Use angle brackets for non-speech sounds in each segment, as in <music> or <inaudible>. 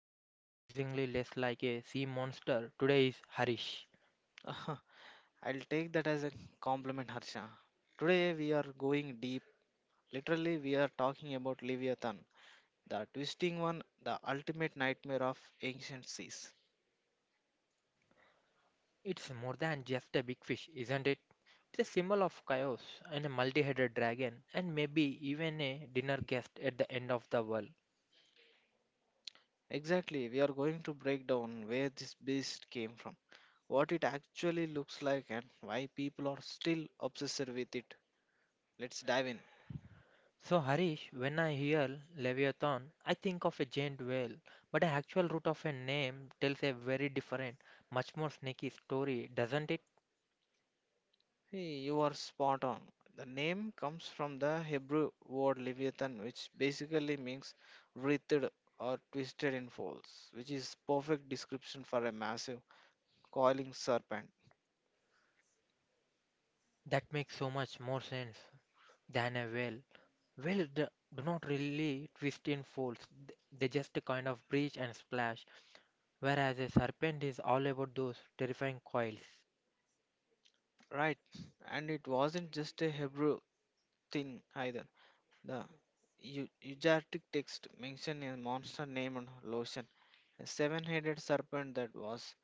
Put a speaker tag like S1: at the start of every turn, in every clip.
S1: looking surprisingly less like a sea monster, today is Harish.
S2: Uh, <laughs> I'll take that as a compliment, Harsha. Today we are going deep. Literally, we are talking about Leviathan, the twisting one, the ultimate nightmare of ancient seas.
S1: It's more than just a big fish, isn't it? It's a symbol of chaos and a multi headed dragon, and maybe even a dinner guest at the end of the world.
S2: Exactly, we are going to break down where this beast came from, what it actually looks like, and why people are still obsessed with it. Let's dive in.
S1: So, Harish, when I hear Leviathan, I think of a giant whale, but the actual root of a name tells a very different, much more snaky story, doesn't it?
S2: Hey, you are spot on. The name comes from the Hebrew word Leviathan, which basically means writhed or twisted in folds, which is perfect description for a massive coiling serpent.
S1: That makes so much more sense than a whale. Well, do not really twist in folds. They just kind of breach and splash. Whereas a serpent is all about those terrifying coils.
S2: Right, and it wasn't just a Hebrew thing either. The Ugaritic text mentioned a monster named Lotion, a seven-headed serpent that was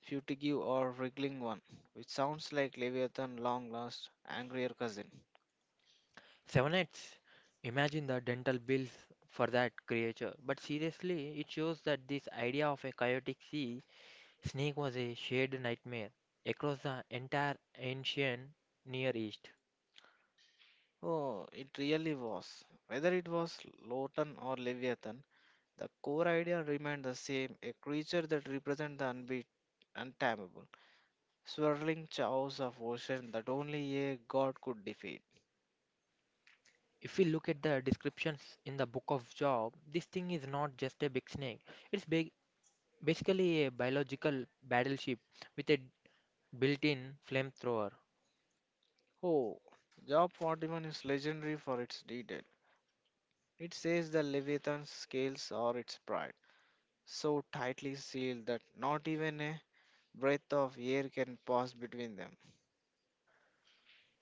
S2: fugitive or wriggling one, which sounds like Leviathan long lost angrier cousin.
S1: Seven heads. Imagine the dental bills for that creature. But seriously, it shows that this idea of a chaotic sea snake was a shared nightmare across the entire ancient Near East.
S2: Oh, it really was. Whether it was Lotan or Leviathan, the core idea remained the same a creature that represents the unbeat, untamable, swirling chaos of ocean that only a god could defeat.
S1: If we look at the descriptions in the book of Job, this thing is not just a big snake. It's big basically a biological battleship with a built-in flamethrower.
S2: Oh, Job 41 is legendary for its detail. It says the Leviathan's scales are its pride, so tightly sealed that not even a breath of air can pass between them.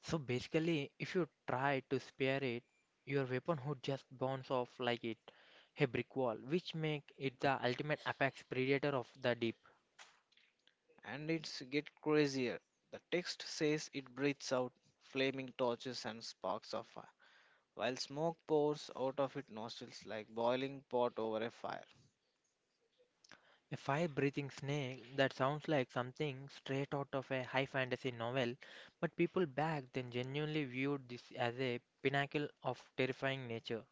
S1: So basically, if you try to spare it, your weapon would just bounce off like it a brick wall, which make it the ultimate apex predator of the deep.
S2: And it's get crazier. The text says it breathes out flaming torches and sparks of fire, while smoke pours out of its nostrils like boiling pot over a fire.
S1: A fire-breathing snake that sounds like something straight out of a high fantasy novel, but people back then genuinely viewed this as a pinnacle of terrifying nature.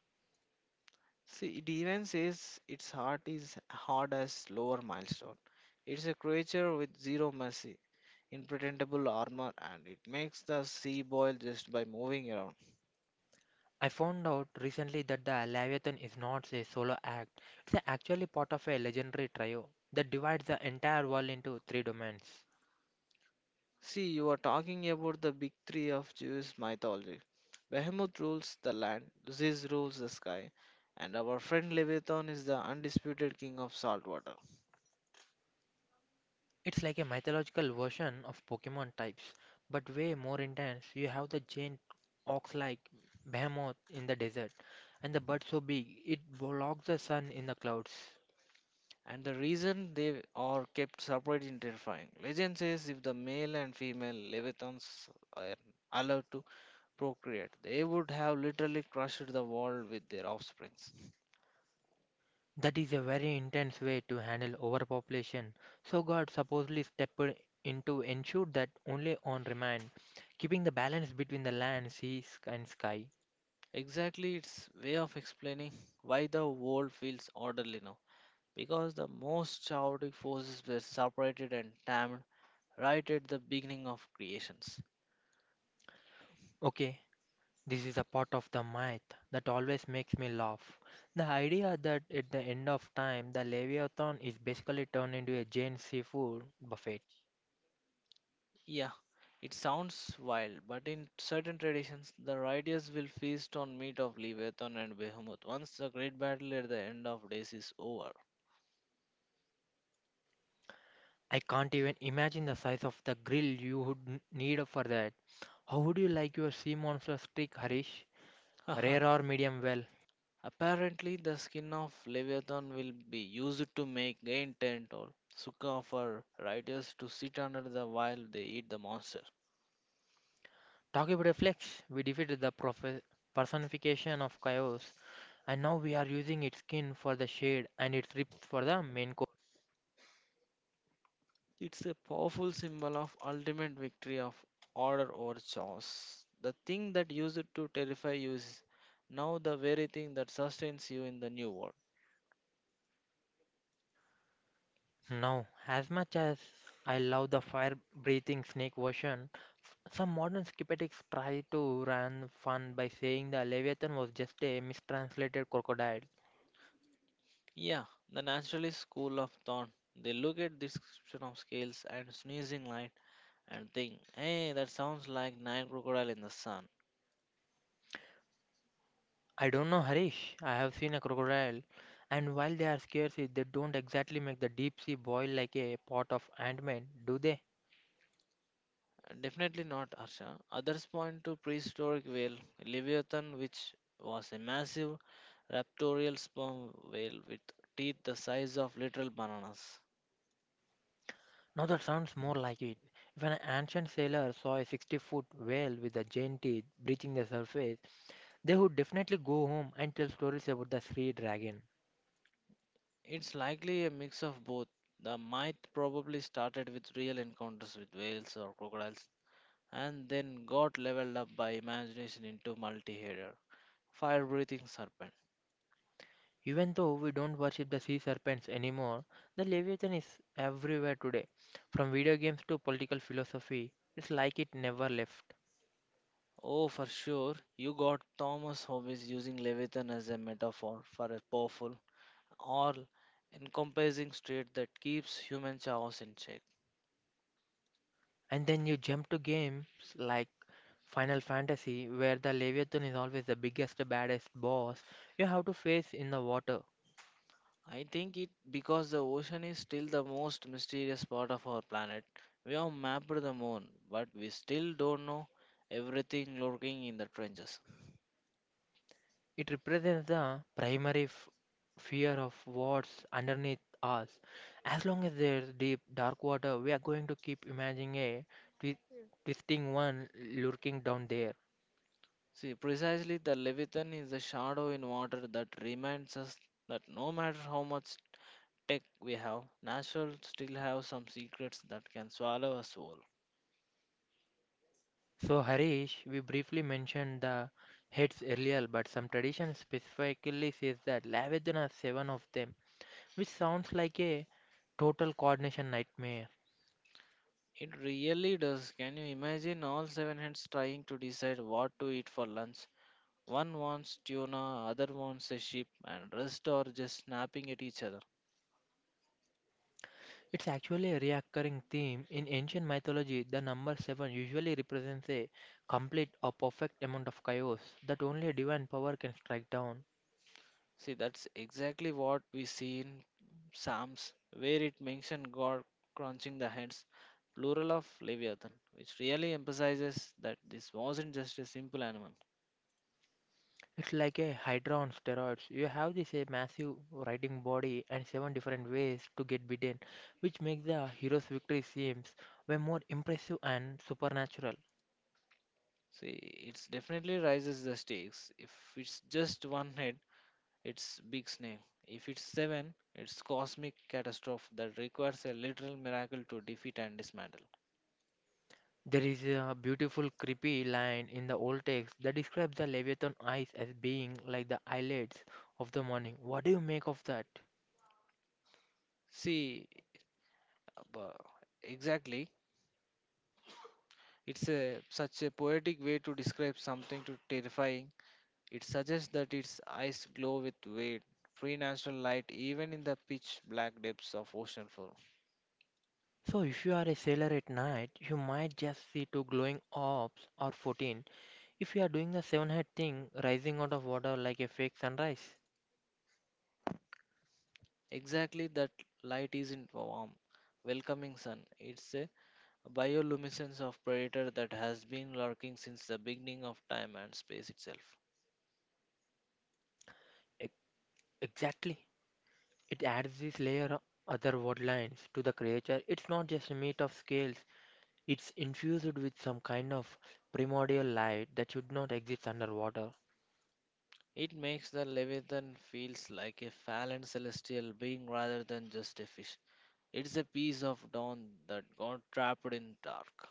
S2: See, it even says its heart is hard as lower milestone. It's a creature with zero mercy, impenetrable armor, and it makes the sea boil just by moving around.
S1: I found out recently that the Leviathan is not a solo act, it's actually part of a legendary trio that divides the entire world into three domains.
S2: See, you are talking about the big three of Jewish mythology. Behemoth rules the land, Ziz rules the sky, and our friend Leviathan is the undisputed king of salt water.
S1: It's like a mythological version of Pokemon types, but way more intense. You have the giant ox like behemoth in the desert, and the bird so big it blocks the sun in the clouds.
S2: And the reason they are kept separate is terrifying. Legend says if the male and female Leviathans are allowed to procreate, they would have literally crushed the world with their offsprings.
S1: That is a very intense way to handle overpopulation. So God supposedly stepped in to ensure that only on remand, keeping the balance between the land, sea, and sky.
S2: Exactly, its way of explaining why the world feels orderly now. Because the most chaotic forces were separated and tamed right at the beginning of creations.
S1: Okay, this is a part of the myth that always makes me laugh. The idea that at the end of time, the Leviathan is basically turned into a giant seafood buffet.
S2: Yeah, it sounds wild, but in certain traditions, the riders will feast on meat of Leviathan and Behemoth once the great battle at the end of days is over.
S1: I can't even imagine the size of the grill you would need for that. How would you like your sea monster steak, Harish? Rare or
S2: <laughs>
S1: medium well?
S2: Apparently, the skin of Leviathan will be used to make rain tent or sukha for riders to sit under the while they eat the monster.
S1: Talking about a flex, we defeated the personification of chaos, and now we are using its skin for the shade and its ribs for the main coat.
S2: It's a powerful symbol of ultimate victory of order over chaos. The thing that used to terrify you is now the very thing that sustains you in the new world.
S1: Now, as much as I love the fire breathing snake version, some modern skeptics try to run fun by saying the Leviathan was just a mistranslated crocodile.
S2: Yeah, the naturalist school of thought. They look at description of scales and sneezing light and think, hey, that sounds like nine crocodile in the sun.
S1: I don't know, Harish. I have seen a crocodile, and while they are scarce, they don't exactly make the deep sea boil like a pot of ointment, do they?
S2: Definitely not, Harsha. Others point to prehistoric whale Leviathan, which was a massive raptorial sperm whale with teeth the size of literal bananas.
S1: Now that sounds more like it. If an ancient sailor saw a 60-foot whale with a giant teeth breaching the surface, they would definitely go home and tell stories about the sea dragon.
S2: It's likely a mix of both. The myth probably started with real encounters with whales or crocodiles and then got leveled up by imagination into multi-header fire breathing serpent.
S1: Even though we don't worship the sea serpents anymore, the Leviathan is everywhere today. From video games to political philosophy, it's like it never left.
S2: Oh, for sure, you got Thomas Hobbes using Leviathan as a metaphor for a powerful all encompassing state that keeps human chaos in check.
S1: And then you jump to games like Final Fantasy, where the Leviathan is always the biggest, baddest boss you have to face in the water.
S2: I think it because the ocean is still the most mysterious part of our planet. We have mapped the moon, but we still don't know everything lurking in the trenches.
S1: It represents the primary fear of what's underneath us. As long as there's deep, dark water, we are going to keep imagining a twisting one lurking down there.
S2: See, precisely the Leviathan is the shadow in water that reminds us that no matter how much tech we have, nature still have some secrets that can swallow us whole.
S1: So, Harish, we briefly mentioned the heads earlier, but some tradition specifically says that Lavajana has seven of them, which sounds like a total coordination nightmare.
S2: It really does. Can you imagine all seven heads trying to decide what to eat for lunch? One wants tuna, other wants a sheep, and rest are just snapping at each other.
S1: It's actually a recurring theme. In ancient mythology, the number seven usually represents a complete or perfect amount of chaos that only divine power can strike down.
S2: See, that's exactly what we see in Psalms, where it mentions God crunching the heads, plural of Leviathan, which really emphasizes that this wasn't just a simple animal.
S1: It's like a hydra on steroids. You have this a massive writing body and seven different ways to get beaten, which makes the hero's victory seems way more impressive and supernatural.
S2: See, it definitely raises the stakes. If it's just one head, it's big snake. If it's seven, it's cosmic catastrophe that requires a literal miracle to defeat and dismantle.
S1: There is a beautiful creepy line in the old text that describes the Leviathan eyes as being like the eyelids of the morning. What do you make of that?
S2: See, bu- exactly. It's a such a poetic way to describe something to terrifying. It suggests that its eyes glow with weight, free natural light even in the pitch black depths of ocean floor.
S1: So if you are a sailor at night, you might just see two glowing orbs or 14 if you are doing the seven head thing rising out of water like a fake sunrise.
S2: Exactly that light isn't warm, welcoming sun. It's a bioluminescence of predator that has been lurking since the beginning of time and space itself.
S1: Ex- Exactly. It adds this layer of other word lines to the creature. It's not just a meat of scales, it's infused with some kind of primordial light that should not exist underwater.
S2: It makes the Leviathan feels like a fallen celestial being rather than just a fish. It's a piece of dawn that got trapped in dark,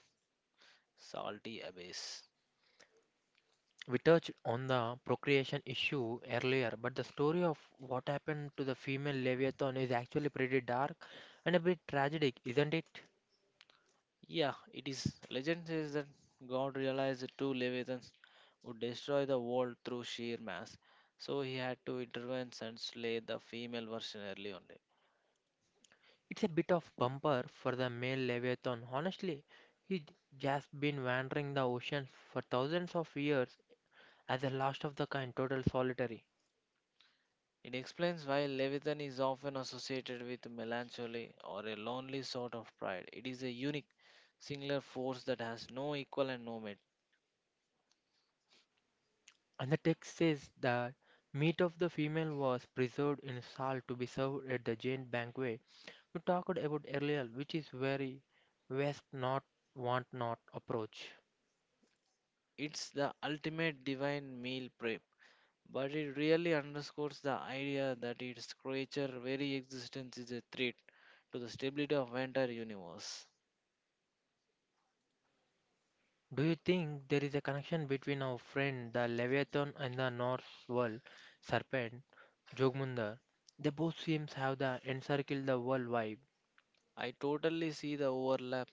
S2: salty abyss.
S1: We touched on the procreation issue earlier, but the story of what happened to the female Leviathan is actually pretty dark and a bit tragic, isn't it?
S2: Yeah, it is. Legend says that God realized the two Leviathans would destroy the world through sheer mass, so he had to intervene and slay the female version early on.
S1: It's a bit of bumper for the male leviathan. Honestly, he just been wandering the ocean for thousands of years as the last of the kind, total solitary.
S2: It explains why Leviathan is often associated with melancholy or a lonely sort of pride. It is a unique, singular force that has no equal and no mate.
S1: And the text says that meat of the female was preserved in salt to be served at the giant banquet we talked about earlier, which is very west not want not approach.
S2: It's the ultimate divine meal prep, but it really underscores the idea that its creature very existence is a threat to the stability of entire universe.
S1: Do you think there is a connection between our friend the Leviathan and the Norse world serpent, Jogmundar? They both seem to have the encircle the world vibe.
S2: I totally see the overlap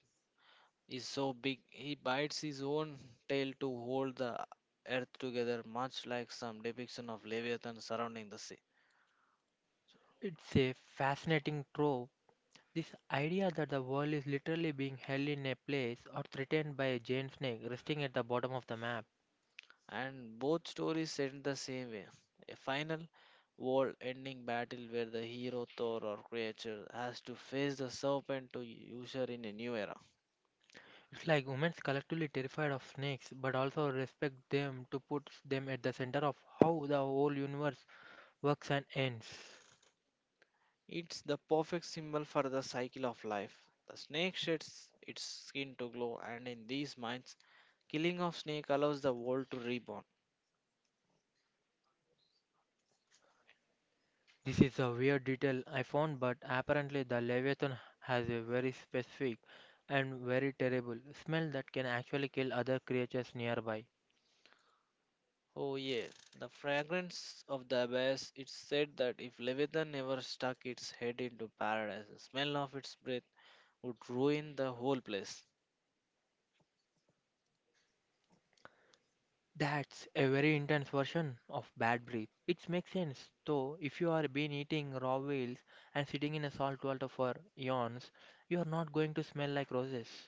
S2: is so big. He bites his own tail to hold the earth together, much like some depiction of Leviathan surrounding the sea.
S1: It's a fascinating trope. This idea that the world is literally being held in a place or threatened by a giant snake resting at the bottom of the map.
S2: And both stories end the same way a final world ending battle where the hero thor or creature has to face the serpent to usher in a new era.
S1: It's like humans collectively terrified of snakes but also respect them to put them at the center of how the whole universe works and ends.
S2: It's the perfect symbol for the cycle of life the snake sheds its skin to glow and in these minds killing of snake allows the world to reborn.
S1: This is a weird detail I found, but apparently the leviathan has a very specific and very terrible smell that can actually kill other creatures nearby.
S2: Oh yeah, the fragrance of the abyss. It's said that if leviathan ever stuck its head into paradise the smell of its breath would ruin the whole place.
S1: That's a very intense version of bad breath. It makes sense, though, if you are been eating raw whales and sitting in a salt water for eons, you are not going to smell like roses.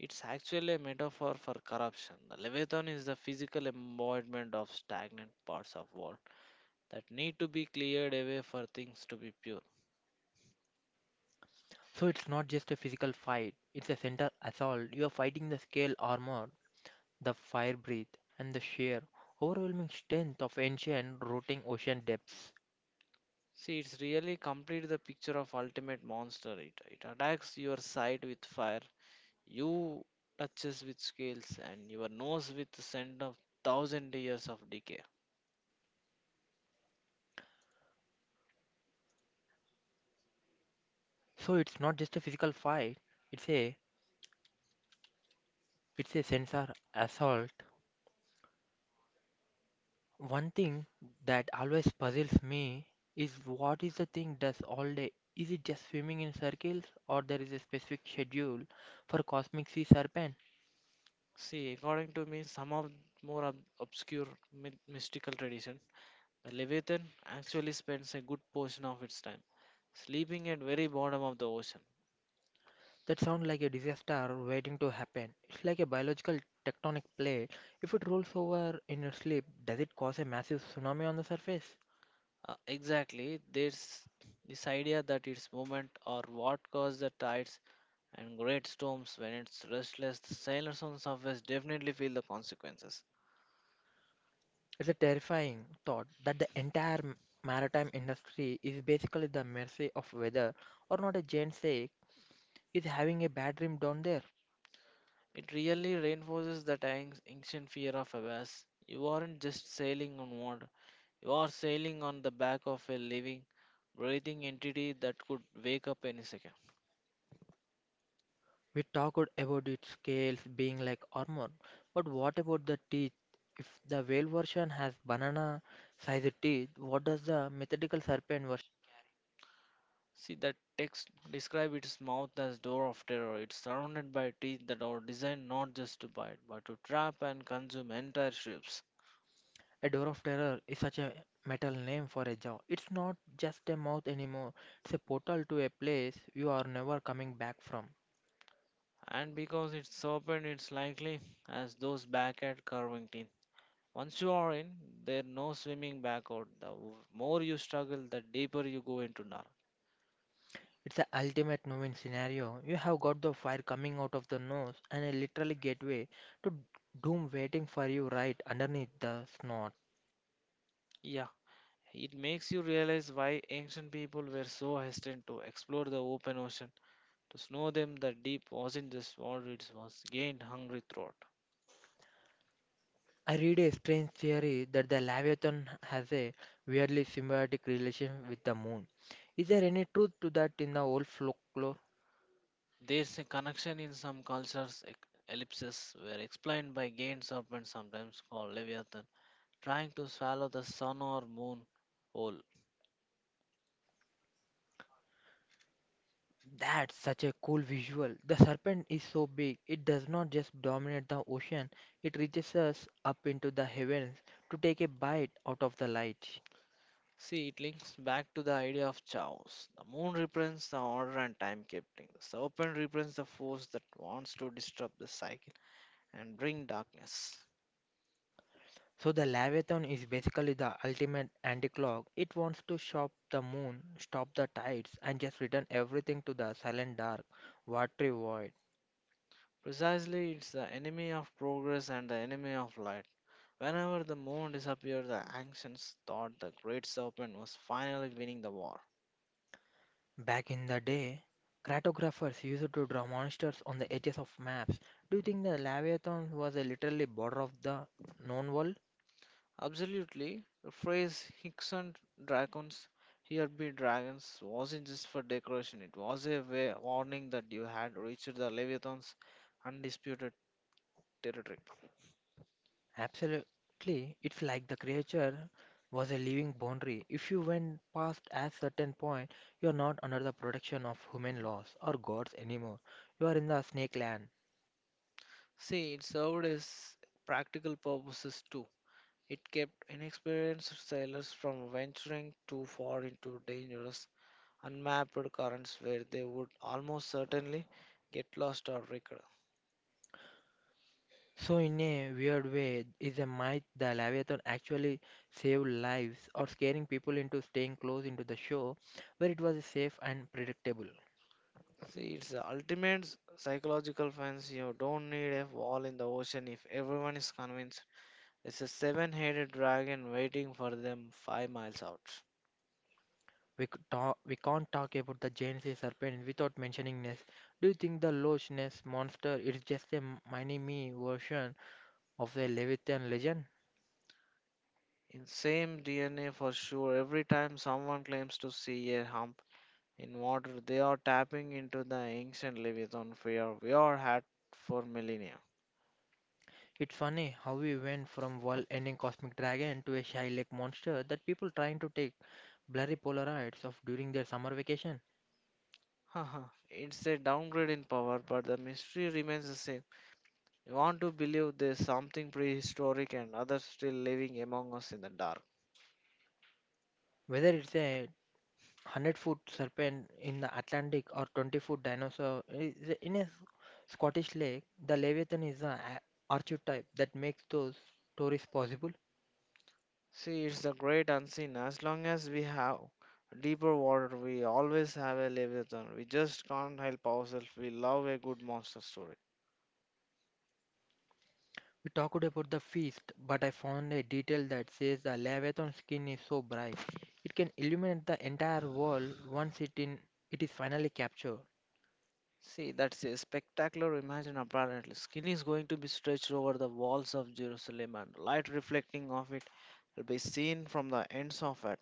S2: It's actually a metaphor for corruption. The Leviathan is the physical embodiment of stagnant parts of world that need to be cleared away for things to be pure.
S1: So it's not just a physical fight, it's a center assault. You are fighting the scale armor the fire breath, and the sheer overwhelming strength of ancient rotting ocean depths.
S2: See, it's really complete the picture of ultimate monster. It attacks your sight with fire, you touches with scales, and your nose with the scent of thousand years of decay.
S1: So it's not just a physical fight, it's a it's a sensor assault. One thing that always puzzles me is what is the thing does all day? Is it just swimming in circles or there is a specific schedule for cosmic sea serpent?
S2: See, according to me, some of obscure mystical tradition. The Leviathan actually spends a good portion of its time sleeping at very bottom of the ocean.
S1: That sounds like a disaster waiting to happen. It's like a biological tectonic plate. If it rolls over in your sleep, does it cause a massive tsunami on the surface?
S2: Exactly, there's this idea that its movement or what caused the tides and great storms when it's restless, the sailors on surface definitely feel the consequences.
S1: It's a terrifying thought that the entire maritime industry is basically the mercy of weather or not a giant sake is having a bad dream down there.
S2: It really reinforces that ancient fear of abyss. You aren't just sailing on water, you are sailing on the back of a living, breathing entity that could wake up any second.
S1: We talked about its scales being like armor, but what about the teeth? If the whale version has banana sized teeth, what does the mythical serpent version?
S2: See, that text describe its mouth as door of terror. It's surrounded by teeth that are designed not just to bite, but to trap and consume entire ships.
S1: A door of terror is such a metal name for a jaw. It's not just a mouth anymore, it's a portal to a place you are never coming back from.
S2: And because it's serpent, it's likely as those back at curving teeth. Once you are in, there's no swimming back out. The more you struggle, the deeper you go into dark.
S1: It's the ultimate no-win scenario. You have got the fire coming out of the nose and a literal gateway to doom waiting for you right underneath the snot.
S2: Yeah, it makes you realize why ancient people were so hesitant to explore the open ocean. To snow them, the deep wasn't just what it was gained hungry throat.
S1: I read a strange theory that the Leviathan has a weirdly symbiotic relation with the moon. Is there any truth to that in the old folklore?
S2: There's a connection in some cultures. Ellipses were explained by giant serpent, sometimes called Leviathan, trying to swallow the sun or moon whole.
S1: That's such a cool visual. The serpent is so big, it does not just dominate the ocean, it reaches us up into the heavens to take a bite out of the light.
S2: See, it links back to the idea of chaos. The moon represents the order and timekeeping. The serpent represents the force that wants to disrupt the cycle and bring darkness.
S1: So the Leviathan is basically the ultimate anti-clock. It wants to shop the moon, stop the tides, and just return everything to the silent dark, watery void.
S2: Precisely, it's the enemy of progress and the enemy of light. Whenever the moon disappeared, the ancients thought the great serpent was finally winning the war.
S1: Back in the day, cartographers used to draw monsters on the edges of maps. Do you think the Leviathan was a literally border of the known world?
S2: Absolutely, the phrase Hickson dragons, here be dragons, wasn't just for decoration, it was a way, warning that you had reached the Leviathan's undisputed territory.
S1: Absolutely, it's like the creature was a living boundary. If you went past a certain point, you are not under the protection of human laws or gods anymore. You are in the snake land.
S2: See, it served as practical purposes too. It kept inexperienced sailors from venturing too far into dangerous, unmapped currents where they would almost certainly get lost or wrecked.
S1: So, in a weird way, is a myth the Leviathan actually saved lives or scaring people into staying close into the show where it was safe and predictable.
S2: See, it's the ultimate psychological fence. You don't need a wall in the ocean if everyone is convinced it's a seven headed dragon waiting for them 5 miles out.
S1: We can't talk about the giant sea serpent without mentioning Ness. Do you think the Loch Ness monster is just a mini me version? Of the Leviathan legend.
S2: In same DNA for sure, every time someone claims to see a hump in water, they are tapping into the ancient Leviathan fear we are had for millennia.
S1: It's funny how we went from world ending cosmic dragon to a shy lake monster that people trying to take blurry Polaroids of during their summer vacation.
S2: <laughs> Haha, it's a downgrade in power, but the mystery remains the same. You want to believe there's something prehistoric and others still living among us in the dark.
S1: Whether it's a 100-foot serpent in the Atlantic or 20-foot dinosaur is in a Scottish lake, the Leviathan is an archetype that makes those stories possible.
S2: See, it's the great unseen. As long as we have deeper water, we always have a Leviathan. We just can't help ourselves. We love a good monster story.
S1: We talked about the feast, but I found a detail that says the leviathan skin is so bright it can illuminate the entire wall once it is finally captured.
S2: See, that's a spectacular imagine apparently. Skin is going to be stretched over the walls of Jerusalem and light reflecting off it will be seen from the ends of it.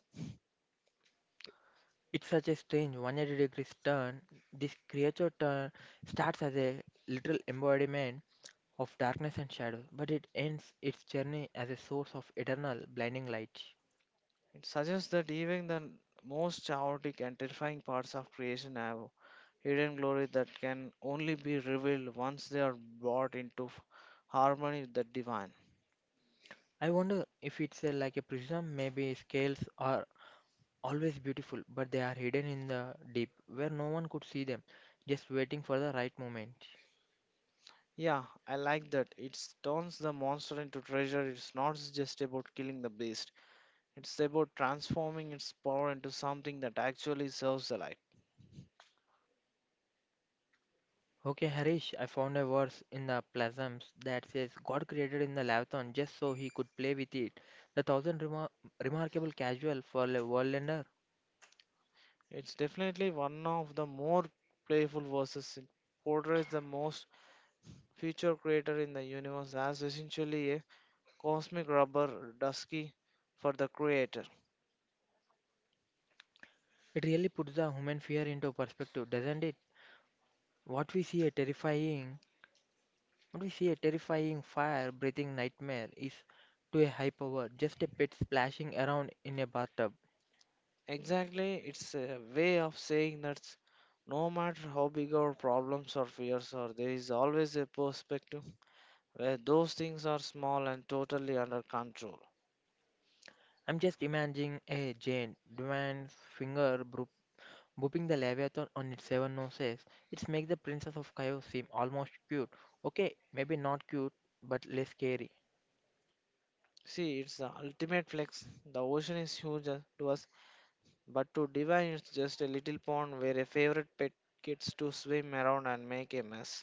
S1: It's such a strange 180 degrees turn. This creature turn starts as a literal embodiment of darkness and shadow, but it ends its journey as a source of eternal blinding light.
S2: It suggests that even the most chaotic and terrifying parts of creation have hidden glory that can only be revealed once they are brought into harmony with the divine.
S1: I wonder if like a prism, maybe scales or always beautiful, but they are hidden in the deep where no one could see them, just waiting for the right moment.
S2: Yeah, I like that. It turns the monster into treasure. It's not just about killing the beast, it's about transforming its power into something that actually serves the light.
S1: Okay, Harish, I found a verse in the Plasms that says God created in the Leviathan just so he could play with it. The thousand remarkable casual for a worldlander.
S2: It's definitely one of the more playful verses. It portrays the most future creator in the universe as essentially a cosmic rubber dusky for the creator.
S1: It really puts the human fear into perspective, doesn't it? What we see a terrifying, what we see a terrifying fire-breathing nightmare is to a high power just a pit splashing around in a bathtub.
S2: Exactly, it's a way of saying that no matter how big our problems or fears are, there is always a perspective where those things are small and totally under control.
S1: I'm just imagining a giant Dwan's finger boop, booping the Leviathan on its seven noses. It's make the Princess of Chaos seem almost cute. Okay, maybe not cute, but less scary.
S2: See, it's the ultimate flex. The ocean is huge to us, but to divine, it's just a little pond where a favorite pet gets to swim around and make a mess.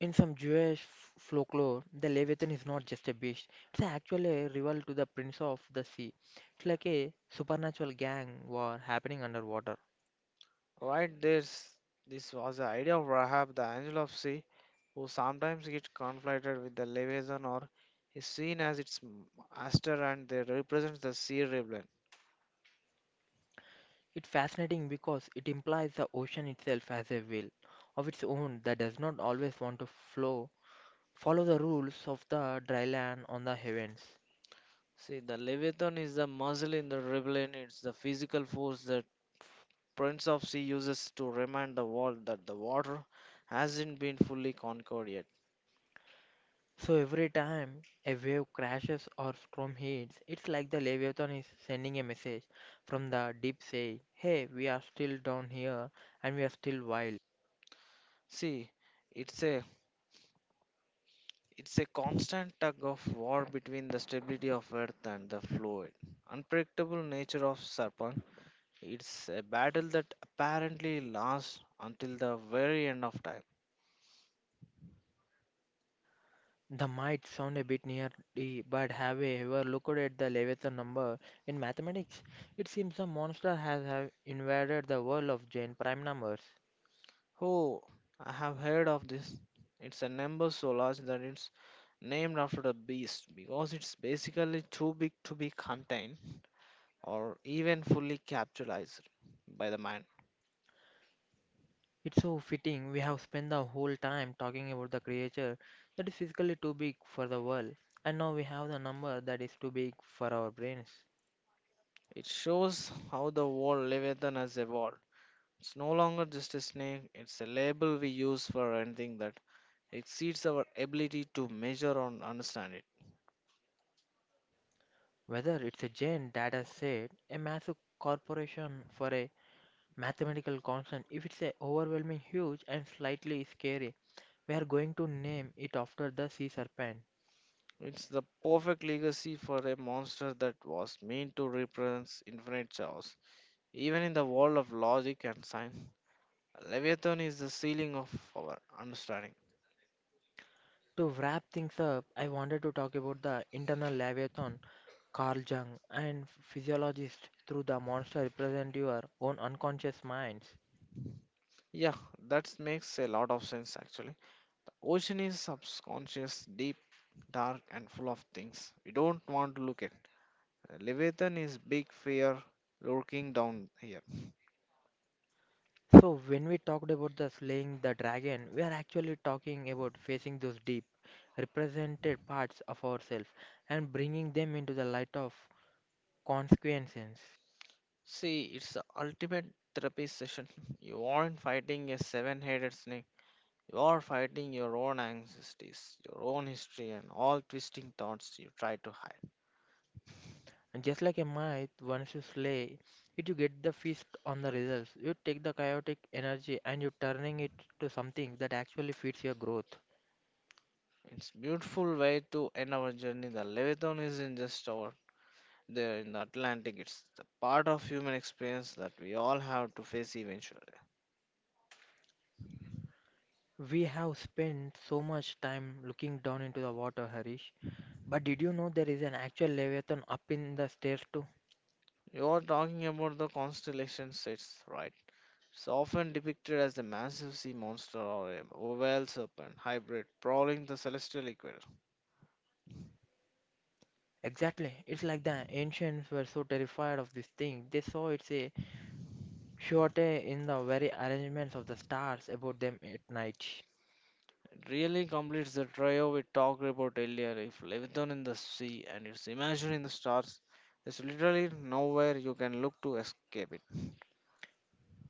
S1: In some Jewish folklore, the Leviathan is not just a beast. It's actually a rival to the Prince of the Sea. It's like a supernatural gang war happening underwater.
S2: Right, there's this was the idea of Rahab, the angel of sea, who sometimes gets conflated with the Leviathan or is seen as master, and they represent the sea rebellion.
S1: It's fascinating because it implies the ocean itself has a will of its own that does not always want to flow follow the rules of the dry land on the heavens.
S2: See, the Leviathan is the muscle in the rebellion. It's the physical force that Prince of Sea uses to remind the world that the water hasn't been fully conquered yet.
S1: So every time a wave crashes or storm hits, it's like the Leviathan is sending a message from the deep saying, "Hey, we are still down here and we are still wild."
S2: See, it's a it's a constant tug of war between the stability of Earth and the fluid, unpredictable nature of Serpent. It's a battle that apparently lasts until the very end of time.
S1: The might sound a bit nerdy, but have you ever looked at the Leviathan number in mathematics? It seems the monster has have invaded the world of giant prime numbers.
S2: Oh, I have heard of this. It's a number so large that it's named after the beast because it's basically too big to be contained or even fully capitalized by the mind.
S1: It's so fitting we have spent the whole time talking about the creature that is physically too big for the world, and now we have the number that is too big for our brains.
S2: It shows how the word Leviathan has evolved. It's no longer just a snake, it's a label we use for anything that exceeds our ability to measure or understand it.
S1: Whether it's a giant data set, a massive corporation for a mathematical constant, if it's a overwhelming huge and slightly scary, we are going to name it after the sea serpent.
S2: It's the perfect legacy for a monster that was meant to represent infinite chaos. Even in the world of logic and science, Leviathan is the ceiling of our understanding.
S1: To wrap things up, I wanted to talk about the internal leviathan Carl Jung, and physiologists through the monster represent your own unconscious minds.
S2: Yeah, that makes a lot of sense actually. Ocean is subconscious, deep, dark, and full of things we don't want to look at. Leviathan is big fear lurking down here.
S1: So, when we talked about the slaying the dragon, we are actually talking about facing those deep, represented parts of ourselves and bringing them into the light of consequences.
S2: See, it's the ultimate therapy session. You aren't fighting a seven headed snake, you are fighting your own anxieties, your own history, and all twisting thoughts you try to hide.
S1: And just like a myth, once you slay it, you get the feast on the results. You take the chaotic energy and you're turning it to something that actually feeds your growth.
S2: It's beautiful way to end our journey. The Leviathan isn't just over there in the Atlantic. It's the part of human experience that we all have to face eventually.
S1: We have spent so much time looking down into the water, Harish. But did you know there is an actual Leviathan up in the stairs too?
S2: You're talking about the constellation sets, right? It's often depicted as a massive sea monster or a whale serpent hybrid prowling the celestial equator.
S1: Exactly. It's like the ancients were so terrified of this thing. They saw it's a surety in the very arrangements of the stars above them at night.
S2: It really completes the trio we talked about earlier. If Leviathan in the sea and its imagined in the stars, there's literally nowhere you can look to escape it.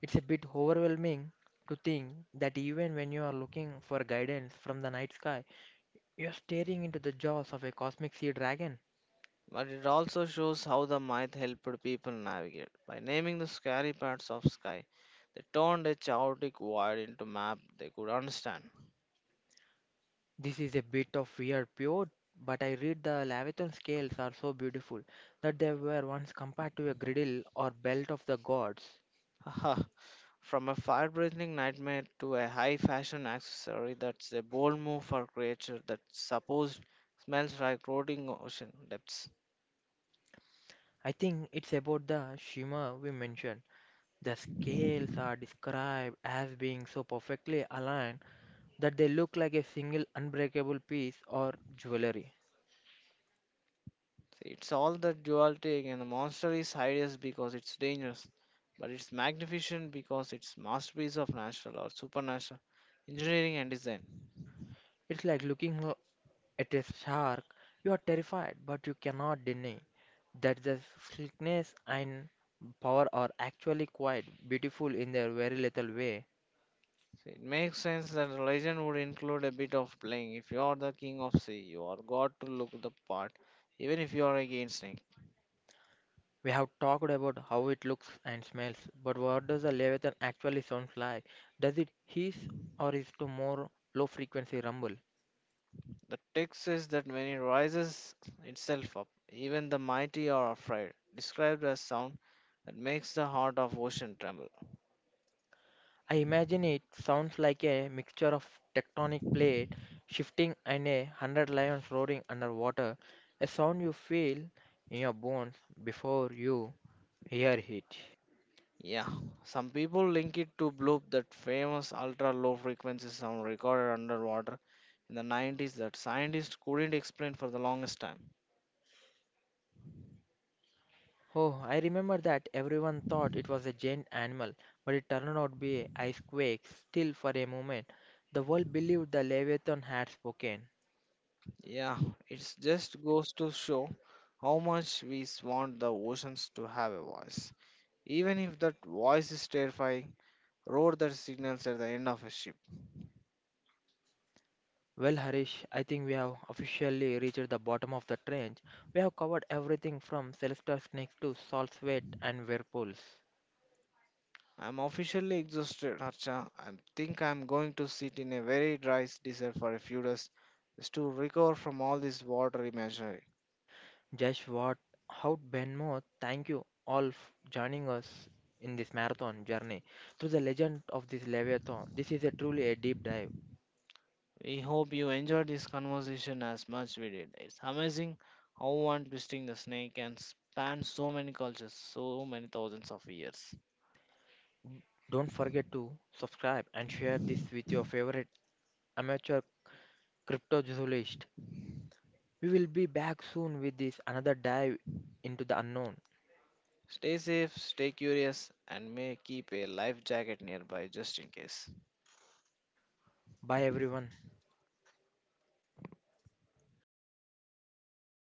S1: It's a bit overwhelming to think that even when you are looking for guidance from the night sky, you're staring into the jaws of a cosmic sea dragon.
S2: But it also shows how the myth helped people navigate. By naming the scary parts of sky, they turned a chaotic void into map they could understand.
S1: This is a bit of weird pure, but I read the Leviathan scales are so beautiful that they were once compared to a griddle or belt of the gods.
S2: Haha. From a fire-breathing nightmare to a high-fashion accessory, that's a bold move for creature that supposed smells like rotting ocean depths.
S1: I think it's about the shimmer we mentioned. The scales are described as being so perfectly aligned that they look like a single unbreakable piece or jewelry.
S2: See, it's all that duality again. A monster is hideous because it's dangerous, but it's magnificent because it's masterpiece of natural or supernatural engineering and design.
S1: It's like looking. It is shark. You are terrified, but you cannot deny that the slickness and power are actually quite beautiful in their very little way.
S2: So it makes sense that a legend would include a bit of playing. If you are the king of sea, you are got to look the part, even if you are against him.
S1: We have talked about how it looks and smells, but what does a leviathan actually sound like? Does it hiss or is it more low frequency rumble?
S2: The text says that when it rises itself up, even the mighty are afraid, described as sound that makes the heart of ocean tremble.
S1: I imagine it sounds like a mixture of tectonic plate shifting and 100 lions roaring underwater, a sound you feel in your bones before you Here heat.
S2: Yeah, some people link it to Bloop, that famous ultra low frequency sound recorded underwater in the 90s that scientists couldn't explain for the longest time.
S1: Oh, I remember that everyone thought it was a giant animal, but it turned out to be an ice quake. Still, for a moment, the world believed the Leviathan had spoken.
S2: Yeah, it just goes to show how much we want the oceans to have a voice. Even if that voice is terrifying, roar that signals at the end of a ship.
S1: Well, Harish, I think we have officially reached the bottom of the trench. We have covered everything from celestial snakes to salt sweat and whirlpools.
S2: I'm officially exhausted, Archa. I think I'm going to sit in a very dry desert for a few days just to recover from all this water imagery.
S1: Just what, how Benmo, thank you all for joining us in this marathon journey through the legend of this Leviathan. This is a truly a deep dive.
S2: We hope you enjoyed this conversation as much we did. It's amazing how one twisting the snake can span so many cultures, so many thousands of years.
S1: Don't forget to subscribe and share this with your favorite amateur cryptozoologist. We will be back soon with this another dive into the unknown.
S2: Stay safe, stay curious, and may keep a life jacket nearby just in case.
S1: Bye everyone.